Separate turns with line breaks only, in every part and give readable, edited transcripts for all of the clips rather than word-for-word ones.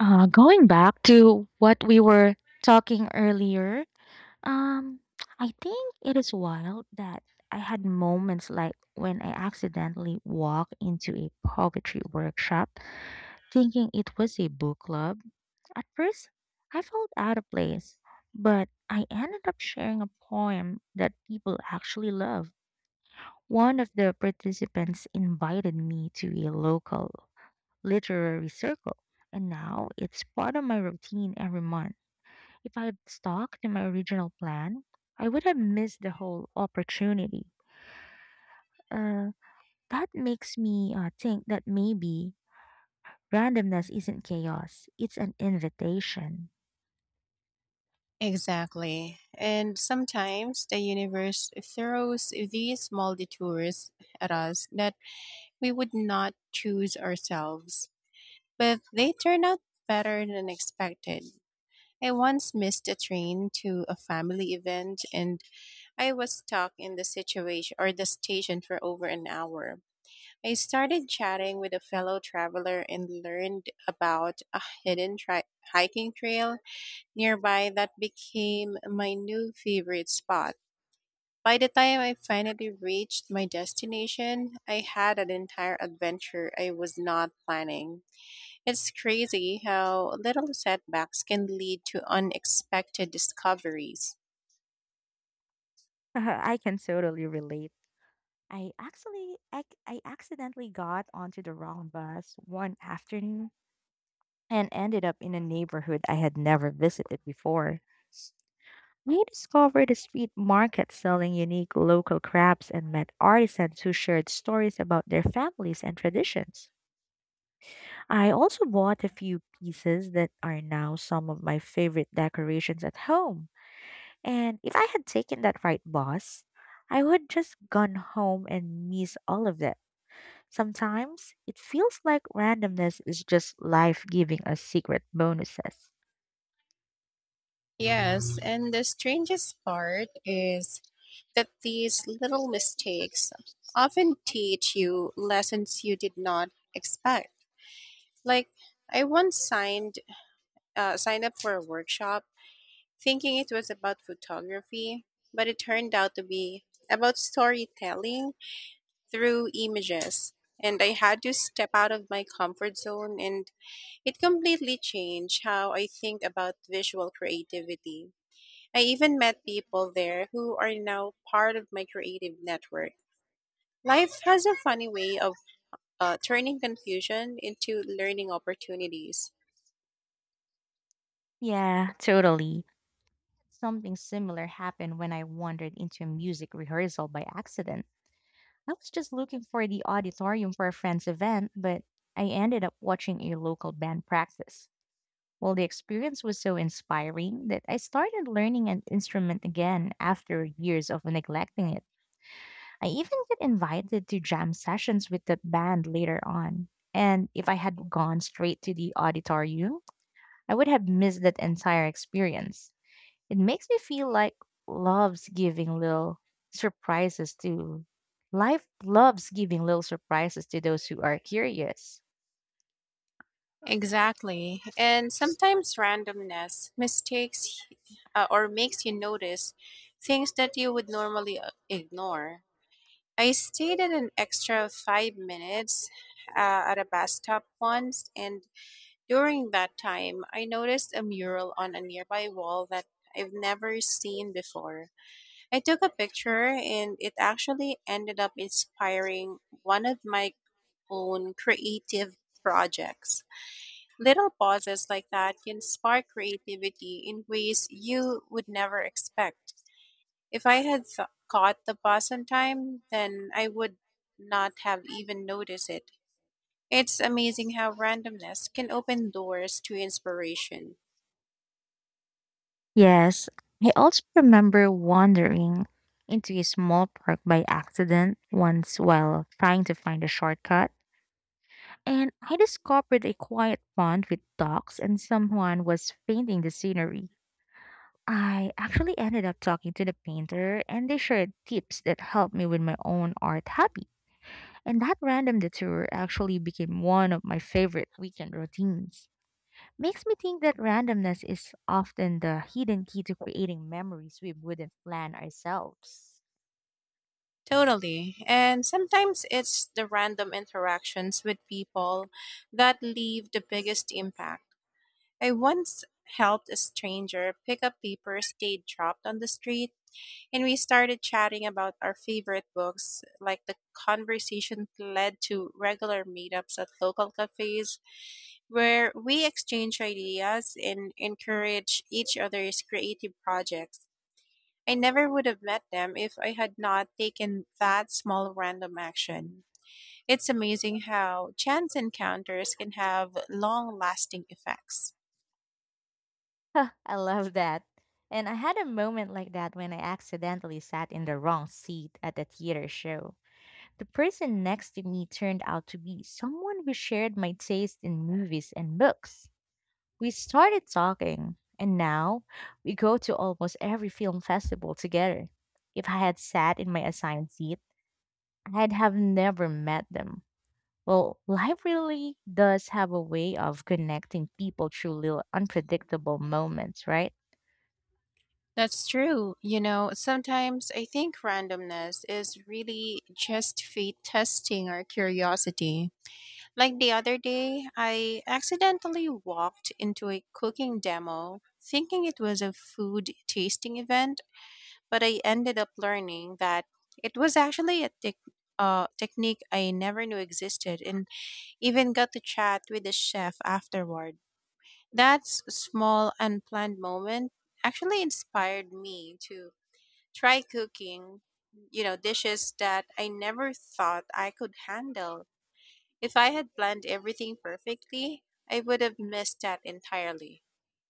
Going back to what we were talking earlier, um, I think it is wild that I had moments like when I accidentally walked into a poetry workshop thinking it was a book club. At first, I felt out of place, but I ended up sharing a poem that people actually love. One of the participants invited me to a local literary circle, and now it's part of my routine every month. If I had stuck to my original plan, I would have missed the whole opportunity. Uh, that makes me think that maybe randomness isn't chaos, it's an invitation.
Exactly. And sometimes the universe throws these small detours at us that we would not choose ourselves, but they turn out better than expected. I once missed a train to a family event and I was stuck in the situation or the station for over an hour. I started chatting with a fellow traveler and learned about a hidden hiking trail nearby that became my new favorite spot. By the time I finally reached my destination, I had an entire adventure I was not planning. It's crazy how little setbacks can lead to unexpected discoveries.
I can totally relate. I accidentally got onto the wrong bus one afternoon and ended up in a neighborhood I had never visited before. I discovered a street market selling unique local crafts and met artisans who shared stories about their families and traditions. I also bought a few pieces that are now some of my favorite decorations at home. And if I had taken that right boss, I would just gone home and miss all of that. Sometimes it feels like randomness is just life giving us secret bonuses.
Yes, and the strangest part is that these little mistakes often teach you lessons you did not expect. Like, I once signed up for a workshop thinking it was about photography, but it turned out to be about storytelling through images. And I had to step out of my comfort zone, and it completely changed how I think about visual creativity. I even met
It completely
people
changed how I
there who
think about visual creative. I even want
are now
people wearable or long
part of my
arm
creative network. Life
creative network. That's
has a funny
also funny
way
with
of
altering them
turning
into
confusion
learning
into learning opportunities.
opportunities. Yeah, totally. Something similar happened when I wandered into a music rehearsal by accident. I was just looking for the auditorium for a friend's event, but I ended up watching a local band practice. Well, the experience was so inspiring that I started learning an instrument again after years of neglecting it. I even get invited to jam sessions with the band later on. And if I had gone straight to the auditorium, I would have missed that entire experience. It makes me feel like loves giving little surprises to life loves giving little surprises to those who are curious.
Exactly. And sometimes randomness mistakes or makes you notice things that you would normally ignore. I stayed in an extra 5 minutes at a bus stop once, and during that time, I noticed a mural on a nearby wall that I've never seen before. I took a picture, and it actually ended up inspiring one of my own creative projects. Little pauses like that can spark creativity in ways you would never expect. If I had caught the bus on time, then I would not have even noticed it. It's amazing how randomness can open doors to inspiration.
Yes, I also remember wandering into a small park by accident once while trying to find a shortcut, and I discovered a quiet pond with ducks and someone was painting the scenery. I actually ended up talking to the painter and they shared tips that helped me with my own art hobby. And that random detour actually became one of my favorite weekend routines. Makes me think that randomness is often the hidden key to creating memories we wouldn't plan ourselves.
Totally. And sometimes it's the random interactions with people that leave the biggest impact. I once helped a stranger pick up papers they'd dropped on the street. And we started chatting about our favorite books. Like, the conversation led to regular meetups at local cafes where we exchange ideas and encourage each other's creative projects. I never would have met them if I had not taken that small random action. It's amazing how chance encounters can have long lasting effects.
Huh, I love that. And I had a moment like that when I accidentally sat in the wrong seat at a theater show. The person next to me turned out to be someone who shared my taste in movies and books. We started talking, and now we go to almost every film festival together. If I had sat in my assigned seat, I'd have never met them. Well, life really does have a way of connecting people through little unpredictable moments, right?
That's true. You know, sometimes I think randomness is really just fate testing our curiosity. Like the other day, I accidentally walked into a cooking demo thinking it was a food tasting event, but I ended up learning that it was actually a technique I never knew existed and even got to chat with the chef afterward. That small unplanned moment actually inspired me to try cooking, you know, dishes that I never thought I could handle. If I had planned everything perfectly, I would have missed that entirely.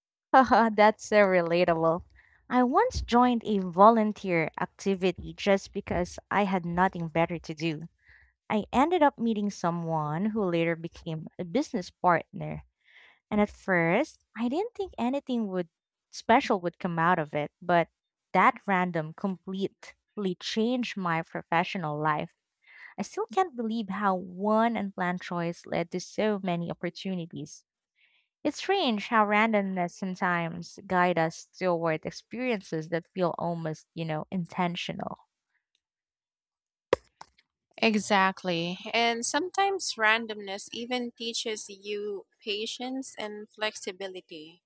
Haha, that's so relatable. I once joined a volunteer activity just because I had nothing better to do. I ended up meeting someone who later became a business partner. And at first, I didn't think anything would special would come out of it, but that random completely changed my professional life. I still can't believe how one unplanned choice led to so many opportunities. It's strange how randomness sometimes guide us toward experiences that feel almost, you know, intentional.
Exactly. And sometimes randomness even teaches you patience and flexibility.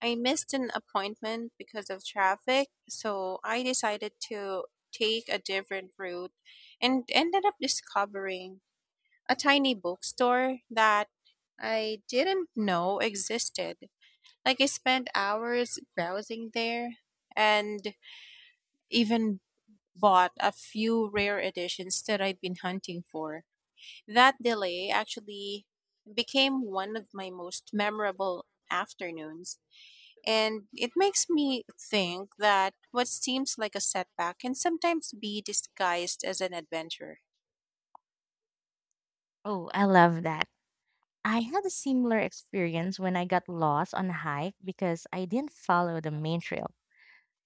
I missed an appointment because of traffic, so I decided to take a different route and ended up discovering a tiny bookstore that I didn't know existed. Like, I spent hours browsing there and even bought a few rare editions that I'd been hunting for. That delay actually became one of my most memorable afternoons. And it makes me think that what seems like a setback can sometimes be disguised as an adventure.
Oh, I love that. I had a similar experience when I got lost on a hike because I didn't follow the main trail.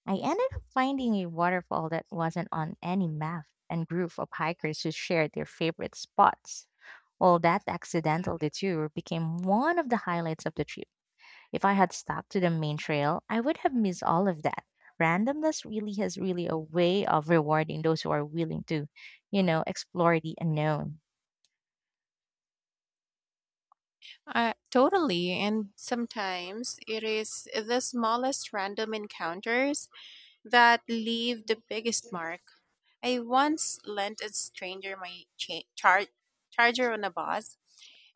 I ended up finding a waterfall that wasn't on any map and group of hikers who shared their favorite spots. Well, that accidental detour became one of the highlights of the trip. If I had stuck to the main trail, I would have missed all of that. Randomness really has really a way of rewarding those who are willing to, you know, explore the unknown.
Totally, and sometimes it is the smallest random encounters that leave the biggest mark. I once lent a stranger my charger on a bus,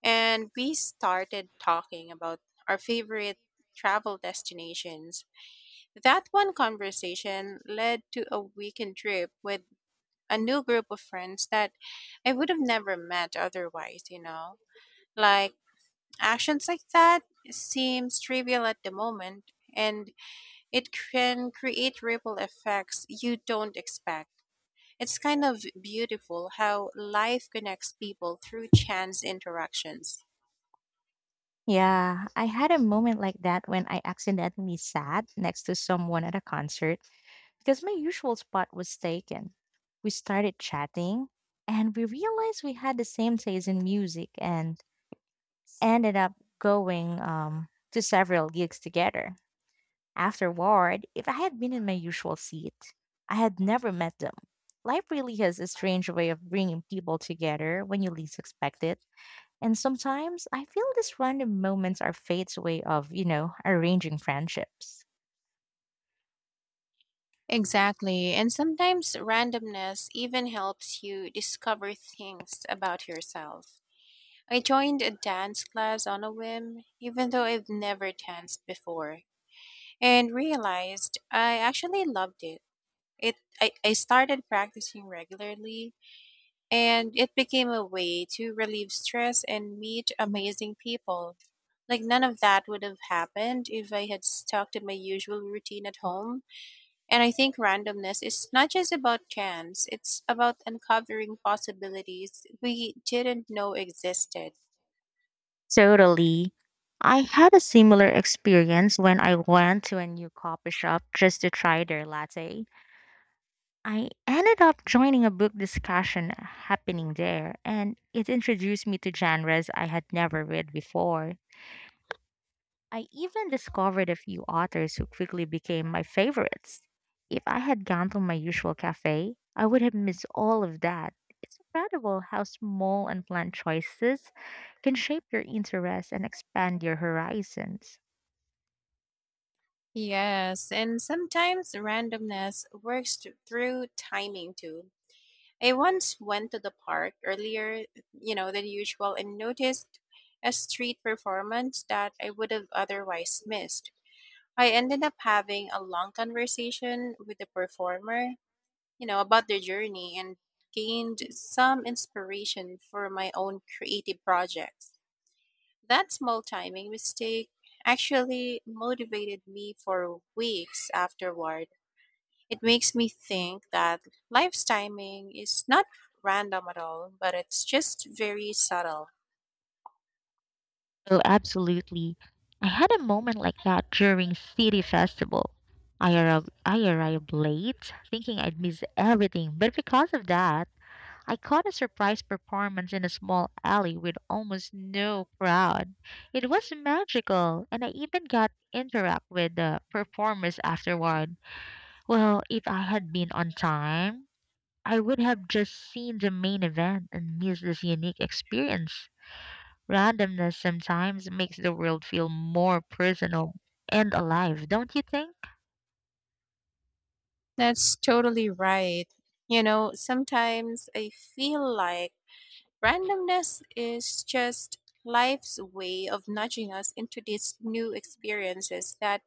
and we started talking about our favorite travel destinations. That one conversation led to a weekend trip with a new group of friends that I would have never met otherwise, you know. Like, actions like that seems trivial at the moment and it can create ripple effects you don't expect. It's kind of beautiful how life connects people through chance interactions.
Yeah, I had a moment like that when I accidentally sat next to someone at a concert because my usual spot was taken. We started chatting and we realized we had the same taste in music and ended up going to several gigs together. Afterward, if I had been in my usual seat, I had never met them. Life really has a strange way of bringing people together when you least expect it. And sometimes I feel these random moments are fate's way of, you know, arranging friendships.
Exactly. And sometimes randomness even helps you discover things about yourself. I joined a dance class on a whim, even though I've never danced before, and realized I actually loved it. It I started practicing regularly and it became a way to relieve stress and meet amazing people. Like, none of that would have happened if I had stuck to my usual routine at home. And I think randomness is not just about chance, it's about uncovering possibilities we didn't know existed.
Totally. I had a similar experience when I went to a new coffee shop just to try their latte. I ended up joining a book discussion happening there, and it introduced me to genres I had never read before. I even discovered a few authors who quickly became my favorites. If I had gone to my usual cafe, I would have missed all of that. It's incredible how small and planned choices can shape your interests and expand your horizons.
Yes, and sometimes randomness works through timing too. I once went to the park earlier, you know, than usual and noticed a street performance that I would have otherwise missed. I ended up having a long conversation with the performer, you know, about their journey and gained some inspiration for my own creative projects. That small timing mistake actually motivated me for weeks afterward. It makes me think that life's timing is not random at all, but it's just very subtle.
Oh, absolutely. I had a moment like that during City Festival. I arrived late, thinking I'd miss everything, but because of that, I caught a surprise performance in a small alley with almost no crowd. It was magical, and I even got interact with the performers afterward. Well, if I had been on time, I would have just seen the main event and missed this unique experience. Randomness sometimes makes the world feel more personal and alive, don't you think?
That's totally right. You know, sometimes I feel like randomness is just life's way of nudging us into these new experiences that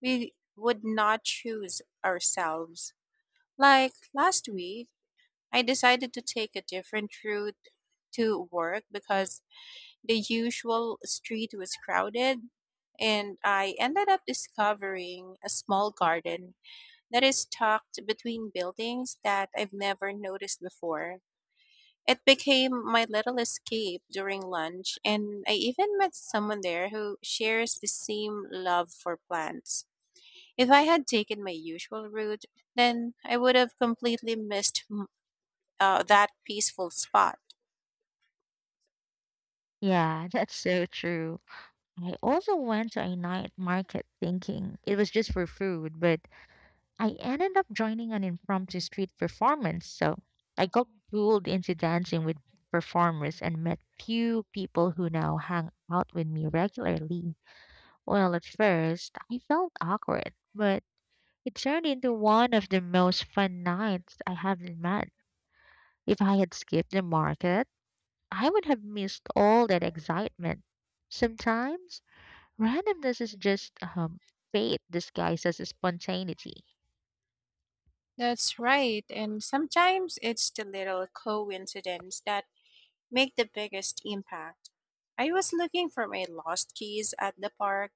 we would not choose ourselves. Like last week, I decided to take a different route to work because the usual street was crowded, and I ended up discovering a small garden that is tucked between buildings that I've never noticed before. It became my little escape during lunch, and I even met someone there who shares the same love for plants. If I had taken my usual route, then I would have completely missed that peaceful spot.
Yeah, that's so true. I also went to a night market thinking it was just for food, but I ended up joining an impromptu street performance, so I got pulled into dancing with performers and met few people who now hang out with me regularly. Well, at first, I felt awkward, but it turned into one of the most fun nights I have in months. If I had skipped the market, I would have missed all that excitement. Sometimes, randomness is just fate disguised as spontaneity.
That's right. And sometimes it's the little coincidence that make the biggest impact. I was looking for my lost keys at the park,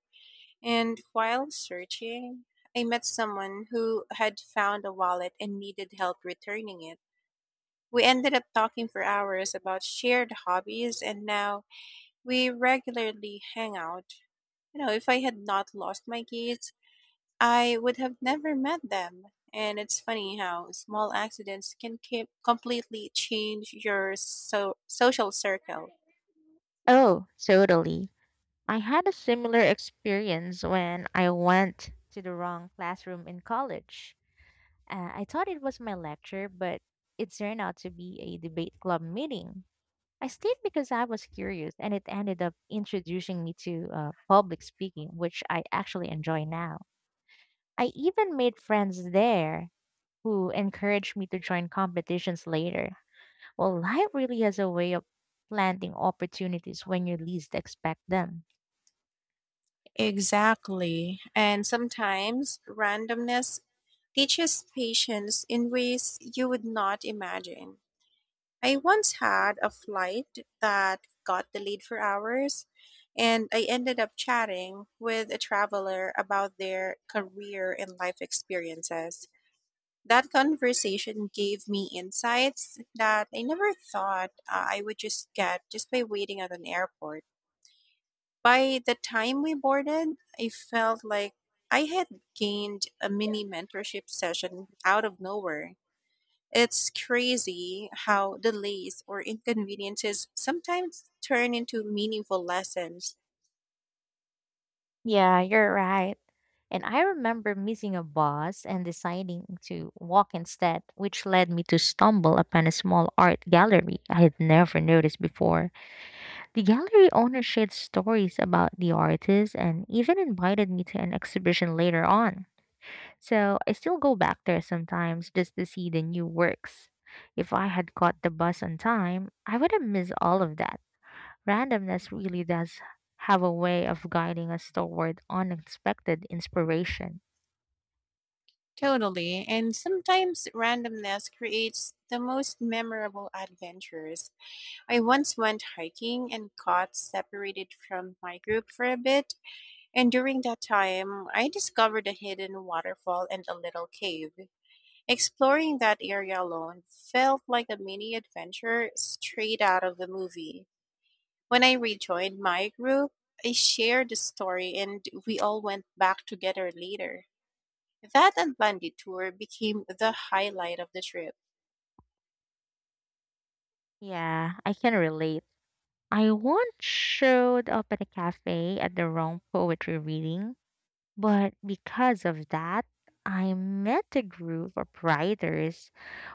and while searching, I met someone who had found a wallet and needed help returning it. We ended up talking for hours about shared hobbies, and now we regularly hang out. You know, if I had not lost my keys, I would have never met them. And it's funny how small accidents can completely change your social circle.
Oh, totally. I had a similar experience when I went to the wrong classroom in college. I thought it was my lecture, but it turned out to be a debate club meeting. I stayed because I was curious, and it ended up introducing me to public speaking, which I actually enjoy now. I even made friends there who encouraged me to join competitions later. Well, life really has a way of planting opportunities when you least expect them.
Exactly. And sometimes randomness teaches patience in ways you would not imagine. I once had a flight that got delayed for hours, and I ended up chatting with a traveler about their career and life experiences. That conversation gave me insights that I never thought I would just get just by waiting at an airport. By the time we boarded, I felt like I had gained a mini mentorship session out of nowhere. It's crazy how delays or inconveniences sometimes turn into meaningful lessons.
Yeah, you're right. And I remember missing a bus and deciding to walk instead, which led me to stumble upon a small art gallery I had never noticed before. The gallery owner shared stories about the artists and even invited me to an exhibition later on. So I still go back there sometimes just to see the new works. If I had caught the bus on time, I would have missed all of that. Randomness really does have a way of guiding us toward unexpected inspiration.
Totally. And sometimes randomness creates the most memorable adventures. I once went hiking and got separated from my group for a bit, and during that time, I discovered a hidden waterfall and a little cave. Exploring that area alone felt like a mini adventure straight out of a movie. When I rejoined my group, I shared the story and we all went back together later. That unplanned detour became the highlight of the trip.
Yeah, I can relate. I once showed up at a cafe at the wrong poetry reading, but because of that, I met a group of writers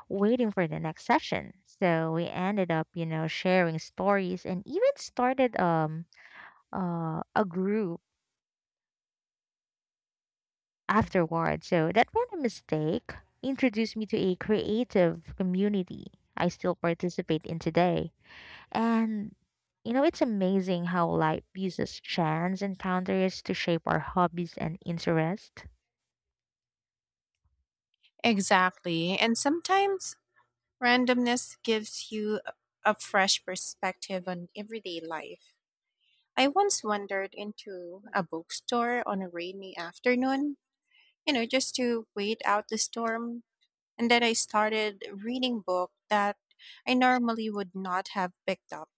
waiting for the next session. So we ended up, you know, sharing stories and even started a group afterward. So that random mistake introduced me to a creative community I still participate in today. And you know, it's amazing how life uses chance encounters to shape our hobbies and interests.
Exactly. And sometimes randomness gives you a fresh perspective on everyday life. I once wandered into a bookstore on a rainy afternoon, you know, just to wait out the storm. And then I started reading book that I normally would not have picked up.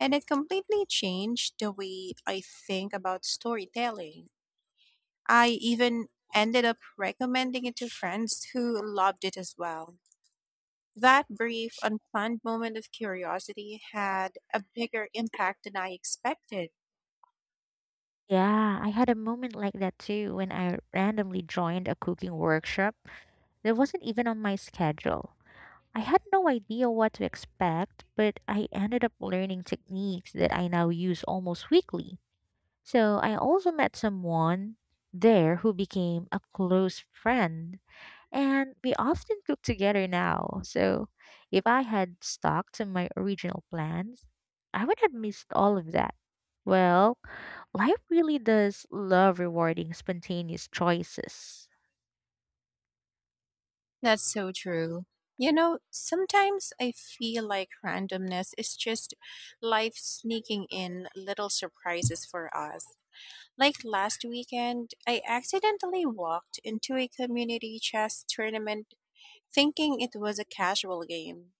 And it completely changed the way I think about storytelling. I even ended up recommending it to friends who loved it as well. That brief, unplanned moment of curiosity had a bigger impact than I expected.
Yeah, I had a moment like that too when I randomly joined a cooking workshop that wasn't even on my schedule. I had no idea what to expect, but I ended up learning techniques that I now use almost weekly. So I also met someone there who became a close friend, and we often cook together now. So if I had stuck to my original plans, I would have missed all of that. Well, life really does love rewarding spontaneous choices.
That's so true. You know, sometimes I feel like randomness is just life sneaking in little surprises for us. Like last weekend, I accidentally walked into a community chess tournament thinking it was a casual game.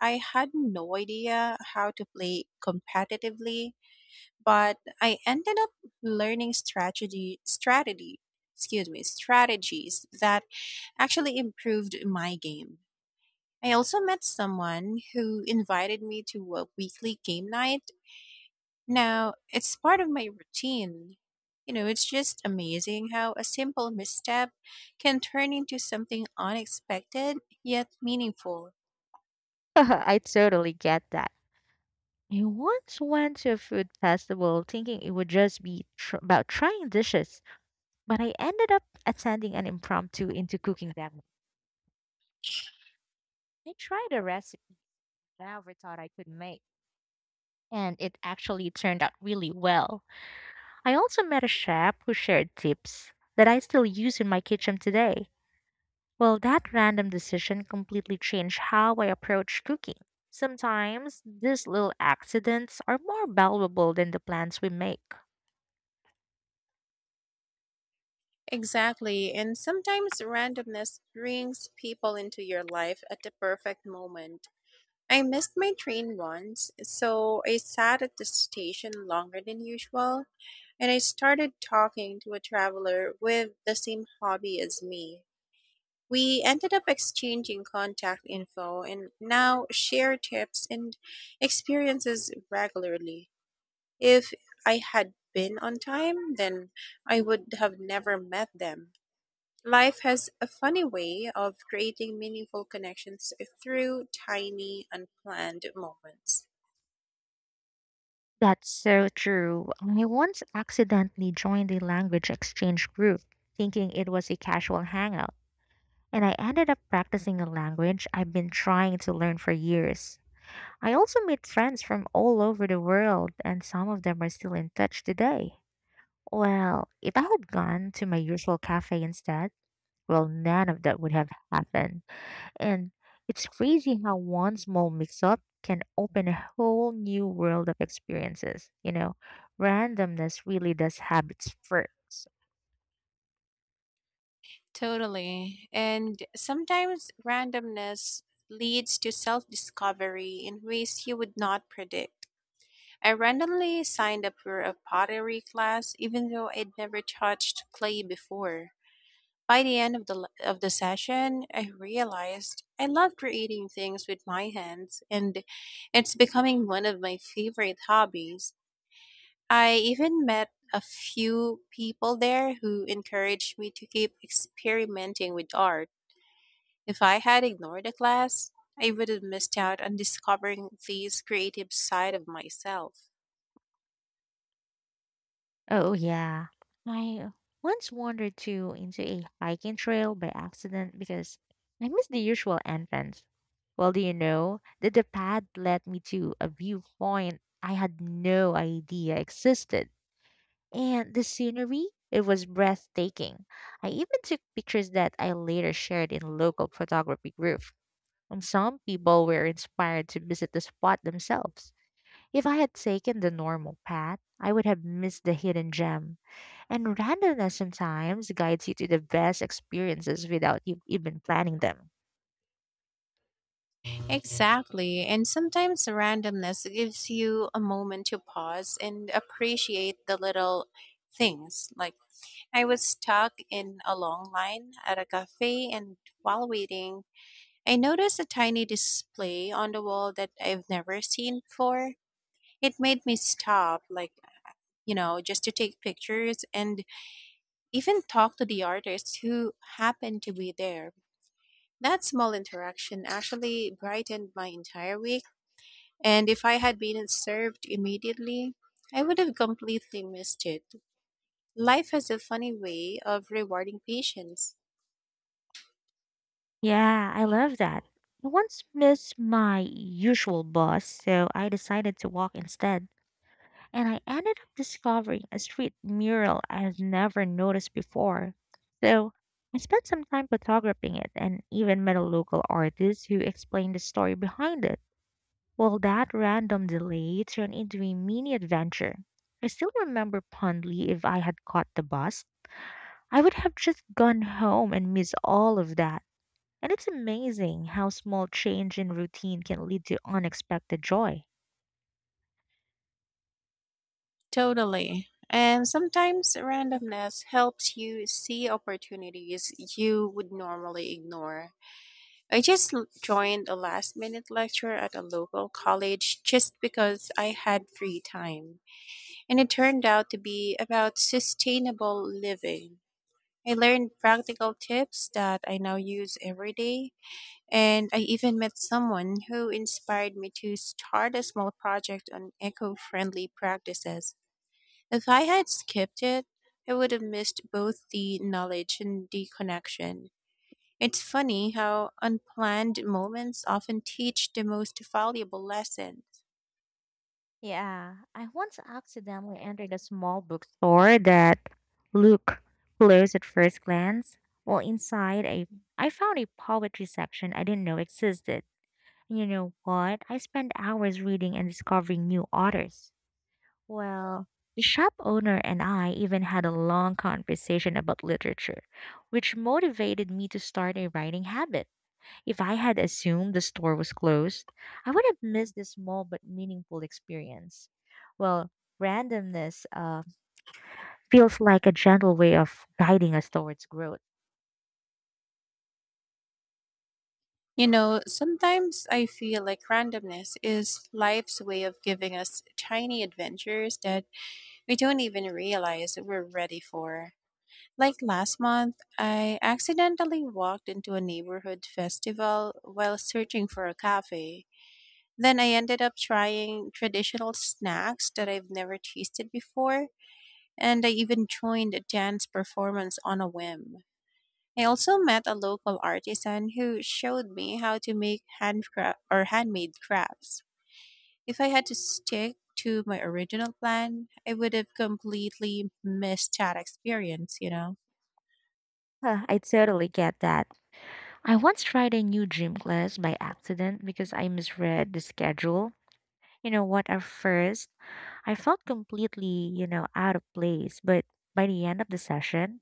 I had no idea how to play competitively, but I ended up learning strategy strategy excuse me, strategies that actually improved my game. I also met someone who invited me to a weekly game night. Now, it's part of my routine. You know, it's just amazing how a simple misstep can turn into something unexpected yet meaningful.
I totally get that. I once went to a food festival thinking it would just be about trying dishes, but I ended up attending an impromptu into cooking them. I tried a recipe I never thought I could make, and it actually turned out really well. I also met a chef who shared tips that I still use in my kitchen today. Well, that random decision completely changed how I approach cooking. Sometimes these little accidents are more valuable than the plans we make.
Exactly. And sometimes randomness brings people into your life at the perfect moment. I missed my train once, so I sat at the station longer than usual, and I started talking to a traveler with the same hobby as me. We ended up exchanging contact info and now share tips and experiences regularly. If I had been on time, then I would have never met them. Life has a funny way of creating meaningful connections through tiny, unplanned moments.
That's so true. I once accidentally joined a language exchange group, thinking it was a casual hangout, and I ended up practicing a language I've been trying to learn for years. I also made friends from all over the world, and some of them are still in touch today. Well, if I had gone to my usual cafe instead, well, none of that would have happened. And it's crazy how one small mix up can open a whole new world of experiences. You know, randomness really does have its perks.
Totally. And sometimes randomness leads to self discovery in ways you would not predict. I randomly signed up for a pottery class, even though I'd never touched clay before. By the end of the session, I realized I love creating things with my hands, and it's becoming one of my favorite hobbies. I even met a few people there who encouraged me to keep experimenting with art. If I had ignored the class, I would have missed out on discovering this creative side of myself.
Oh, yeah. I once wandered to into a hiking trail by accident because I missed the usual entrance. Well, do you know that the path led me to a viewpoint I had no idea existed? And the scenery, it was breathtaking. I even took pictures that I later shared in a local photography group. And some people were inspired to visit the spot themselves. If I had taken the normal path, I would have missed the hidden gem. And randomness sometimes guides you to the best experiences without you even planning them.
Exactly, and sometimes randomness gives you a moment to pause and appreciate the little things. Like, I was stuck in a long line at a cafe, and while waiting, I noticed a tiny display on the wall that I've never seen before. It made me stop, like, you know, just to take pictures and even talk to the artist who happened to be there. That small interaction actually brightened my entire week, and if I had been served immediately, I would have completely missed it. Life has a funny way of rewarding patience.
Yeah, I love that. I once missed my usual bus, so I decided to walk instead. And I ended up discovering a street mural I had never noticed before. So I spent some time photographing it and even met a local artist who explained the story behind it. Well, that random delay turned into a mini adventure. I still remember fondly if I had caught the bus, I would have just gone home and missed all of that. And it's amazing how small change in routine can lead to unexpected joy.
Totally. And sometimes randomness helps you see opportunities you would normally ignore. I just joined a last minute lecture at a local college just because I had free time. And it turned out to be about sustainable living. I learned practical tips that I now use every day. And I even met someone who inspired me to start a small project on eco friendly practices. If I had skipped it, I would have missed both the knowledge and the connection. It's funny how unplanned moments often teach the most valuable lessons.
Yeah, I once accidentally entered a small bookstore that looked closed at first glance. Well, inside I found a poetry section I didn't know existed. You know what? I spend hours reading and discovering new authors. Well, the shop owner and I even had a long conversation about literature, which motivated me to start a writing habit. If I had assumed the store was closed, I would have missed this small but meaningful experience. Well, randomness feels like a gentle way of guiding us towards growth.
You know, sometimes I feel like randomness is life's way of giving us tiny adventures that we don't even realize we're ready for. Like last month, I accidentally walked into a neighborhood festival while searching for a cafe. Then I ended up trying traditional snacks that I've never tasted before, and I even joined a dance performance on a whim. I also met a local artisan who showed me how to make handcraft or handmade crafts. If I had to stick to my original plan, I would have completely missed that experience, you know.
Huh, I totally get that. I once tried a new gym class by accident because I misread the schedule. You know what? At first, I felt completely, you know, out of place, but by the end of the session,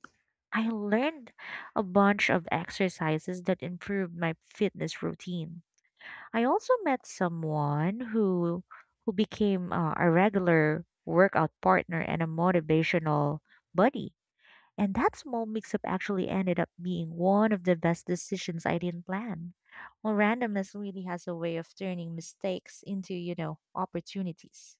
I learned a bunch of exercises that improved my fitness routine. I also met someone who became a regular workout partner and a motivational buddy. And that small mix-up actually ended up being one of the best decisions I didn't plan. Well, randomness really has a way of turning mistakes into, you know, opportunities.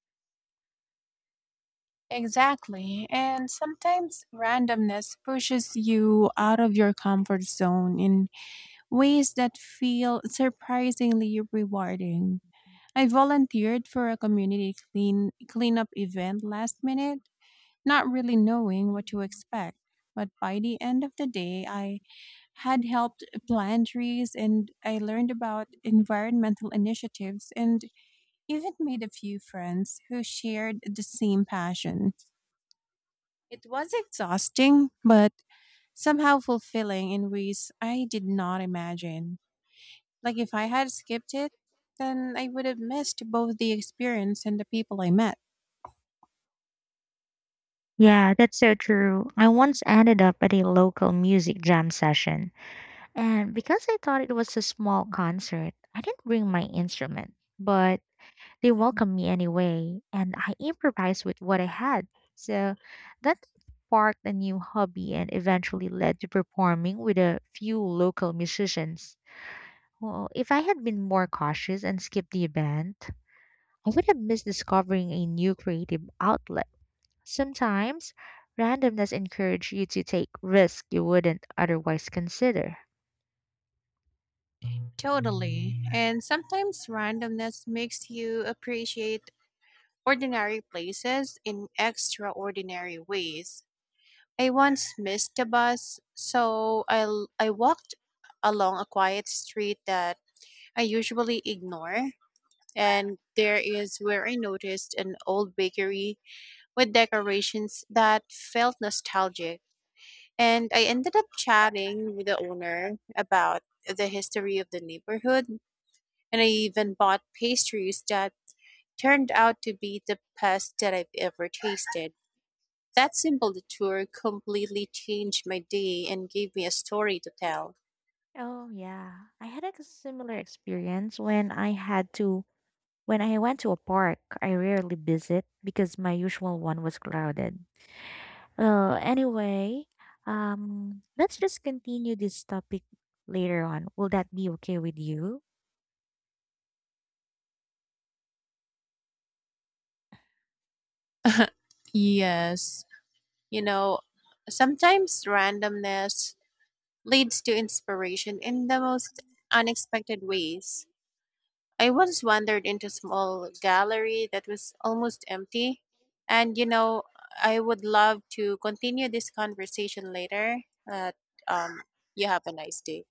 Exactly. And sometimes randomness pushes you out of your comfort zone in ways that feel surprisingly rewarding. I volunteered for a community clean cleanup event last minute, not really knowing what to expect. But by the end of the day, I had helped plant trees and I learned about environmental initiatives and even made a few friends who shared the same passion. It was exhausting, but somehow fulfilling in ways I did not imagine. Like, if I had skipped it, then I would have missed both the experience and the people I met.
Yeah, that's so true. I once ended up at a local music jam session, and because I thought it was a small concert, I didn't bring my instrument, but they welcomed me anyway, and I improvised with what I had. So that sparked a new hobby and eventually led to performing with a few local musicians. Well, if I had been more cautious and skipped the event, I would have missed discovering a new creative outlet. Sometimes, randomness encourages you to take risks you wouldn't otherwise consider.
Totally. And sometimes randomness makes you appreciate ordinary places in extraordinary ways. I once missed the bus, so I walked along a quiet street that I usually ignore. And there is where I noticed an old bakery with decorations that felt nostalgic. And I ended up chatting with the owner about the history of the neighborhood. And I even bought pastries that turned out to be the best that I've ever tasted. That simple detour completely changed my day and gave me a story to tell.
Oh yeah. I had a similar experience when I had to when I went to a park I rarely visit because my usual one was crowded. Well, anyway, let's just continue this topic later on. Will that be okay with you?
Yes. You know, sometimes randomness leads to inspiration in the most unexpected ways. I once wandered into a small gallery that was almost empty. And, you know, I would love to continue this conversation later, but um, you have a nice day.